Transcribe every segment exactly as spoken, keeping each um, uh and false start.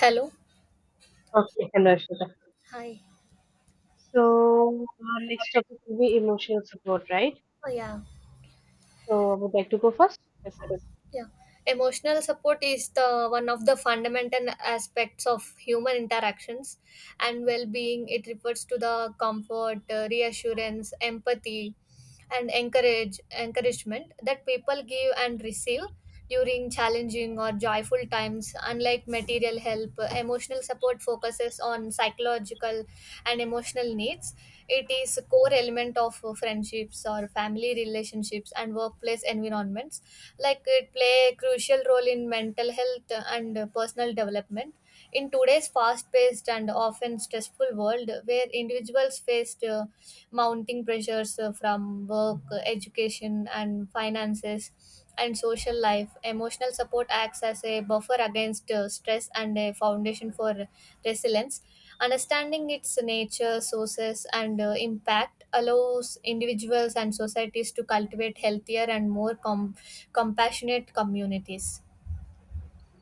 Hello. Okay, Hanrashita. Hi. So our next topic will be emotional support, right? Oh, yeah. So I would like to go first. Yes, sir. Yeah, emotional support is the one of the fundamental aspects of human interactions and well-being. It refers to the comfort, uh, reassurance, empathy, and encourage encouragement that people give and receive during challenging or joyful times. Unlike material help, uh, emotional support focuses on psychological and emotional needs. It is a core element of uh, friendships or family relationships and workplace environments, like it play a crucial role in mental health and personal development in today's fast paced and often stressful world where individuals face uh, mounting pressures uh, from work, uh, education, and finances, and social life. Emotional support acts as a buffer against uh, stress and a foundation for resilience. Understanding its nature, sources, and uh, impact allows individuals and societies to cultivate healthier and more com- compassionate communities.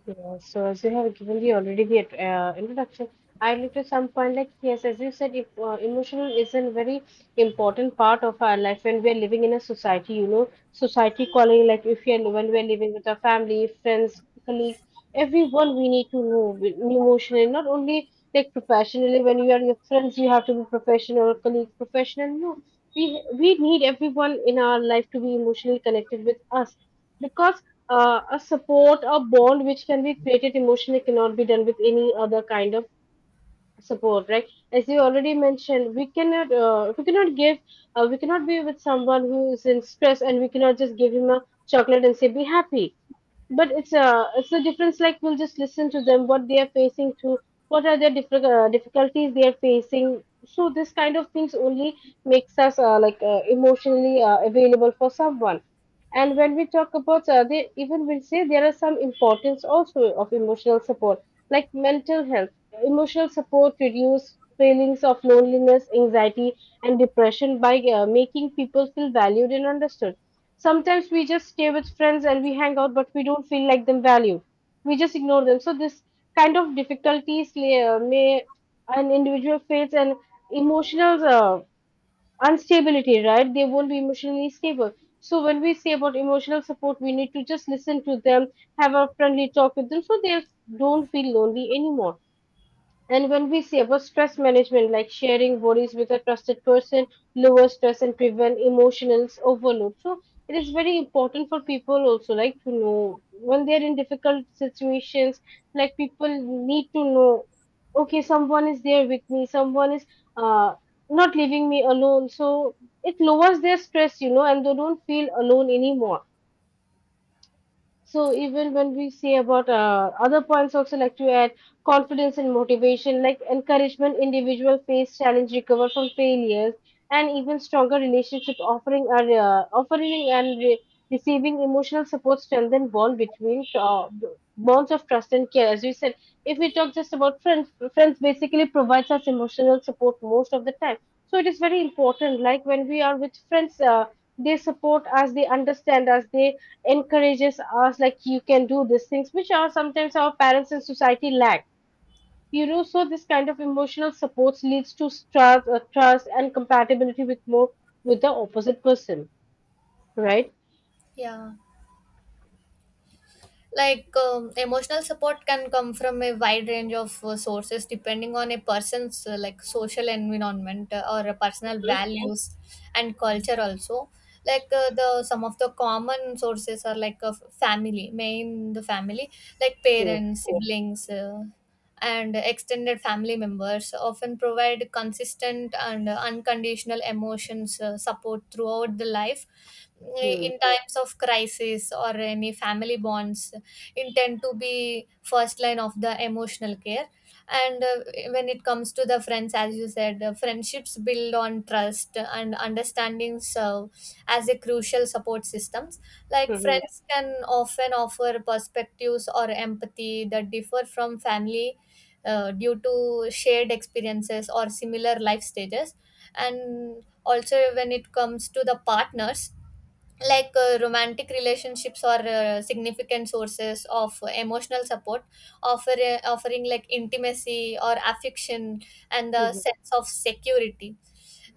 Yeah, so as you have given the already the uh, introduction, I looked at some point like yes, as you said, if uh, emotional is a very important part of our life when we are living in a society, you know, society calling like if we are when we are living with our family, friends, colleagues, everyone we need to know with- emotionally, not only like professionally. When you are your friends, you have to be professional, colleagues professional. No, we we need everyone in our life to be emotionally connected with us because uh, a support, a bond which can be created emotionally cannot be done with any other kind of support, right? As you already mentioned, we cannot uh, we cannot give uh, we cannot be with someone who is in stress, and we cannot just give him a chocolate and say be happy. But it's a it's a difference, like we'll just listen to them what they are facing through, what are their diffi- uh, difficulties they are facing. So this kind of things only makes us uh, like uh, emotionally uh, available for someone. And when we talk about uh, they even will say there are some importance also of emotional support, like mental health, emotional support reduce feelings of loneliness, anxiety, and depression by uh, making people feel valued and understood. Sometimes we just stay with friends and we hang out, but we don't feel like them valued. We just ignore them. So this kind of difficulties lay- uh, may an individual face and emotional. Uh, Unstability, right? They won't be emotionally stable. So when we say about emotional support, we need to just listen to them, have a friendly talk with them so they don't feel lonely anymore. And when we say about stress management, like sharing worries with a trusted person, lower stress and prevent emotional overload. So it is very important for people also like to know when they're in difficult situations, like people need to know, okay, someone is there with me, someone is uh, not leaving me alone. So it lowers their stress, you know, and they don't feel alone anymore. So even when we say about uh, other points also, like to add confidence and motivation, like encouragement, individual face challenge, recover from failures, and even stronger relationship offering are uh, offering and re- receiving emotional support strengthen bond between uh, bonds of trust and care. As we said, if we talk just about friends, friends basically provides us emotional support most of the time. So it is very important. Like when we are with friends, uh, they support us, they understand us, they encourages us like you can do these things, which are sometimes our parents and society lack, you know. So this kind of emotional supports leads to trust, uh, trust and compatibility with more with the opposite person, right? Yeah. Like um, emotional support can come from a wide range of uh, sources depending on a person's uh, like social environment uh, or uh, personal values and culture also, like uh, the some of the common sources are like uh, family, main the family, like Yeah. parents, siblings, uh, and extended family members often provide consistent and uh, unconditional emotions uh, support throughout the life Hmm. in times of crisis, or any family bonds intend to be first line of the emotional care. And uh, when it comes to the friends, as you said, uh, friendships build on trust and understanding serve as a crucial support systems, like Mhm. friends can often offer perspectives or empathy that differ from family uh, due to shared experiences or similar life stages. And also when it comes to the partners, like uh, romantic relationships or uh, significant sources of emotional support offer, uh, offering like intimacy or affection and the Mhm. sense of security.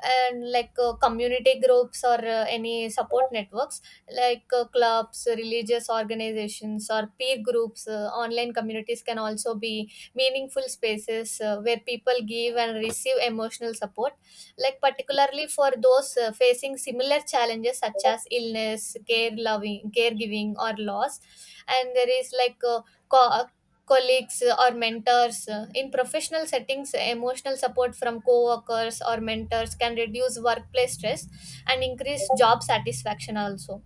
And like uh, community groups or uh, any support networks, like uh, clubs, religious organizations or peer groups, uh, online communities can also be meaningful spaces uh, where people give and receive emotional support, like particularly for those uh, facing similar challenges such as illness care, loving, caregiving or loss. And there is like uh, co- colleagues or mentors. In professional settings, emotional support from co-workers or mentors can reduce workplace stress and increase job satisfaction also.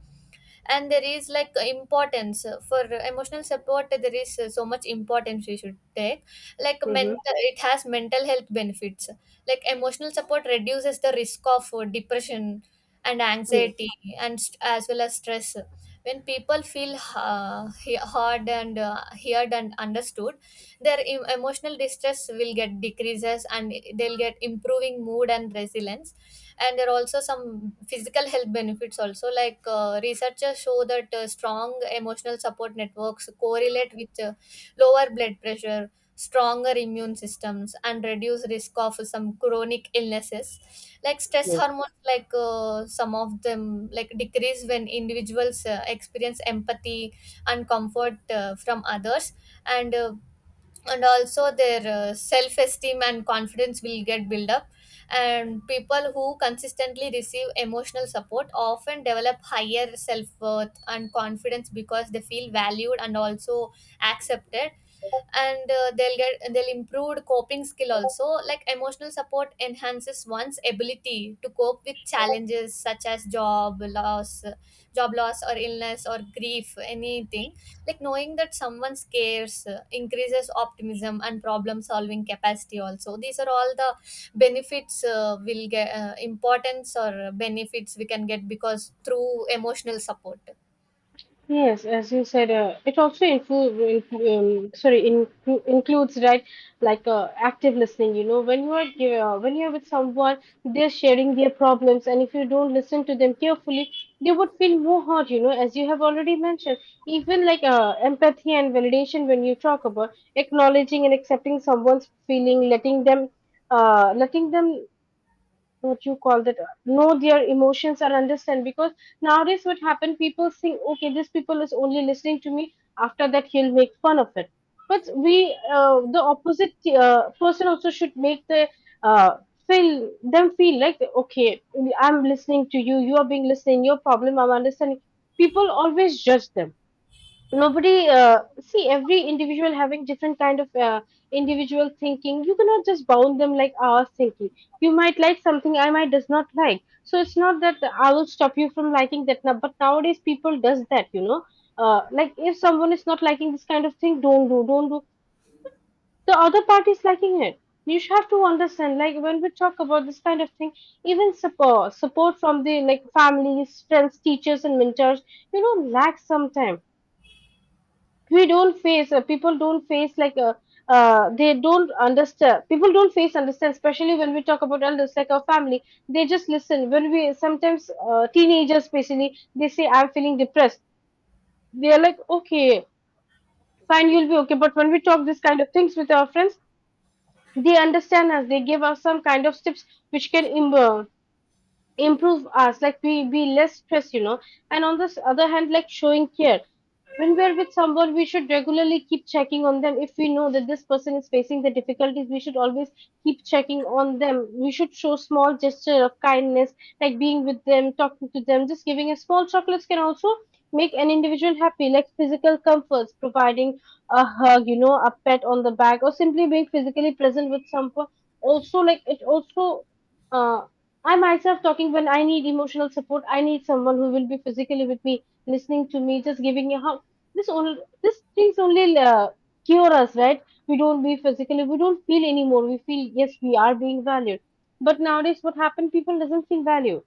And there is like importance for emotional support, there is so much importance we should take, like Mhm. mental, it has mental health benefits, like emotional support reduces the risk of uh, depression and anxiety and st- as well as stress. When people feel uh, he- heard and uh, heard and understood, their em- emotional distress will get decreases and they'll get improving mood and resilience. And there are also some physical health benefits also, like uh, researchers show that uh, strong emotional support networks correlate with uh, lower blood pressure, stronger immune systems and reduce risk of some chronic illnesses, like stress Mhm. hormones, like uh, some of them like decrease when individuals uh, experience empathy and comfort uh, from others. And uh, and also their uh, self esteem and confidence will get built up, and people who consistently receive emotional support often develop higher self worth and confidence because they feel valued and also accepted. And uh, they'll get, they'll improved coping skill also, like emotional support enhances one's ability to cope with challenges such as job loss job loss or illness or grief, anything. Like knowing that someone cares uh, increases optimism and problem solving capacity also. These are all the benefits uh, will get, uh, importance or benefits we can get because through emotional support. Yes, as you said, uh, it also include, um, sorry, inclu- includes, right? Like uh, active listening. You know, when you are ge- uh, when you are with someone, they're sharing their problems, and if you don't listen to them carefully, they would feel more hurt. You know, as you have already mentioned, even like uh, empathy and validation, when you talk about acknowledging and accepting someone's feeling, letting them, uh, letting them what you call that uh, know their emotions or understand. Because nowadays what happen, people think okay, this people is only listening to me, after that he'll make fun of it. But we, uh, the opposite uh, person also should make the uh, feel them feel like okay, I'm listening to you, you are being listening your problem, I'm understanding. People always judge them. Nobody, uh, see every individual having different kind of uh, individual thinking. You cannot just bound them like our thinking. You might like something, I might does not like, so it's not that I will stop you from liking that. Now, but nowadays people does that, you know. Uh, like if someone is not liking this kind of thing, don't do, don't do. The other party is liking it. You should have to understand, like when we talk about this kind of thing, even support support from the like families, friends, teachers, and mentors, you know, lack sometimes. We don't face, uh, people don't face like uh, uh, they don't understand, people don't face understand, especially when we talk about elders like our family. They just listen when we sometimes, uh, teenagers basically, they say I'm feeling depressed. They're like okay, fine, you'll be okay. But when we talk this kind of things with our friends, they understand us, they give us some kind of tips which can im- uh, improve us, like we be less stressed, you know. And on this other hand, like showing care, when we're with someone we should regularly keep checking on them. If we know that this person is facing the difficulties, we should always keep checking on them. We should show small gesture of kindness, like being with them, talking to them, just giving a small chocolates can also make an individual happy. Like physical comforts, providing a hug, you know, a pat on the back, or simply being physically present with someone also, like it also, uh, I myself talking, when I need emotional support, I need someone who will be physically with me, listening to me, just giving a hug. This only, this things only, uh, cure us, right? We don't be physically, we don't feel anymore. We feel yes, we are being valued. But nowadays, what happened? People doesn't feel valued.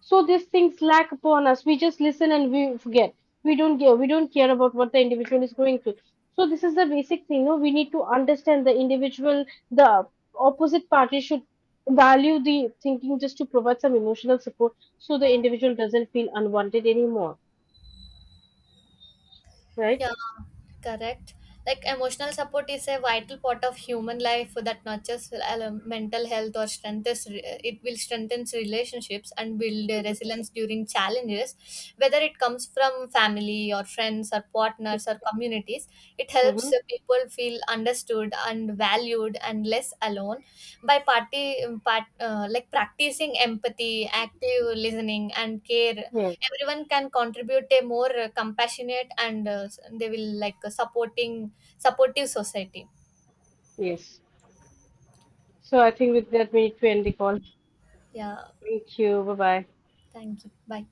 So these things lack upon us. We just listen and we forget. We don't care. We don't care about what the individual is going through. So this is the basic thing. No, we need to understand the individual. The opposite party should value the thinking just to provide some emotional support, so the individual doesn't feel unwanted anymore. Right? Yeah, correct. Like emotional support is a vital part of human life that nurtures uh, mental health or strengthens it will strengthens relationships and build uh, Mm-hmm. resilience during challenges, whether it comes from family or friends or partners or communities. It Mm-hmm. helps uh, people feel understood and valued and less alone. By party um, part, uh, like practicing empathy, active listening and care, Yeah. everyone can contribute a more uh, compassionate and uh, they will like a supporting supportive society. Yes. So I think with that we need to end the call. Yeah, Thank you. Bye bye. thank you, bye.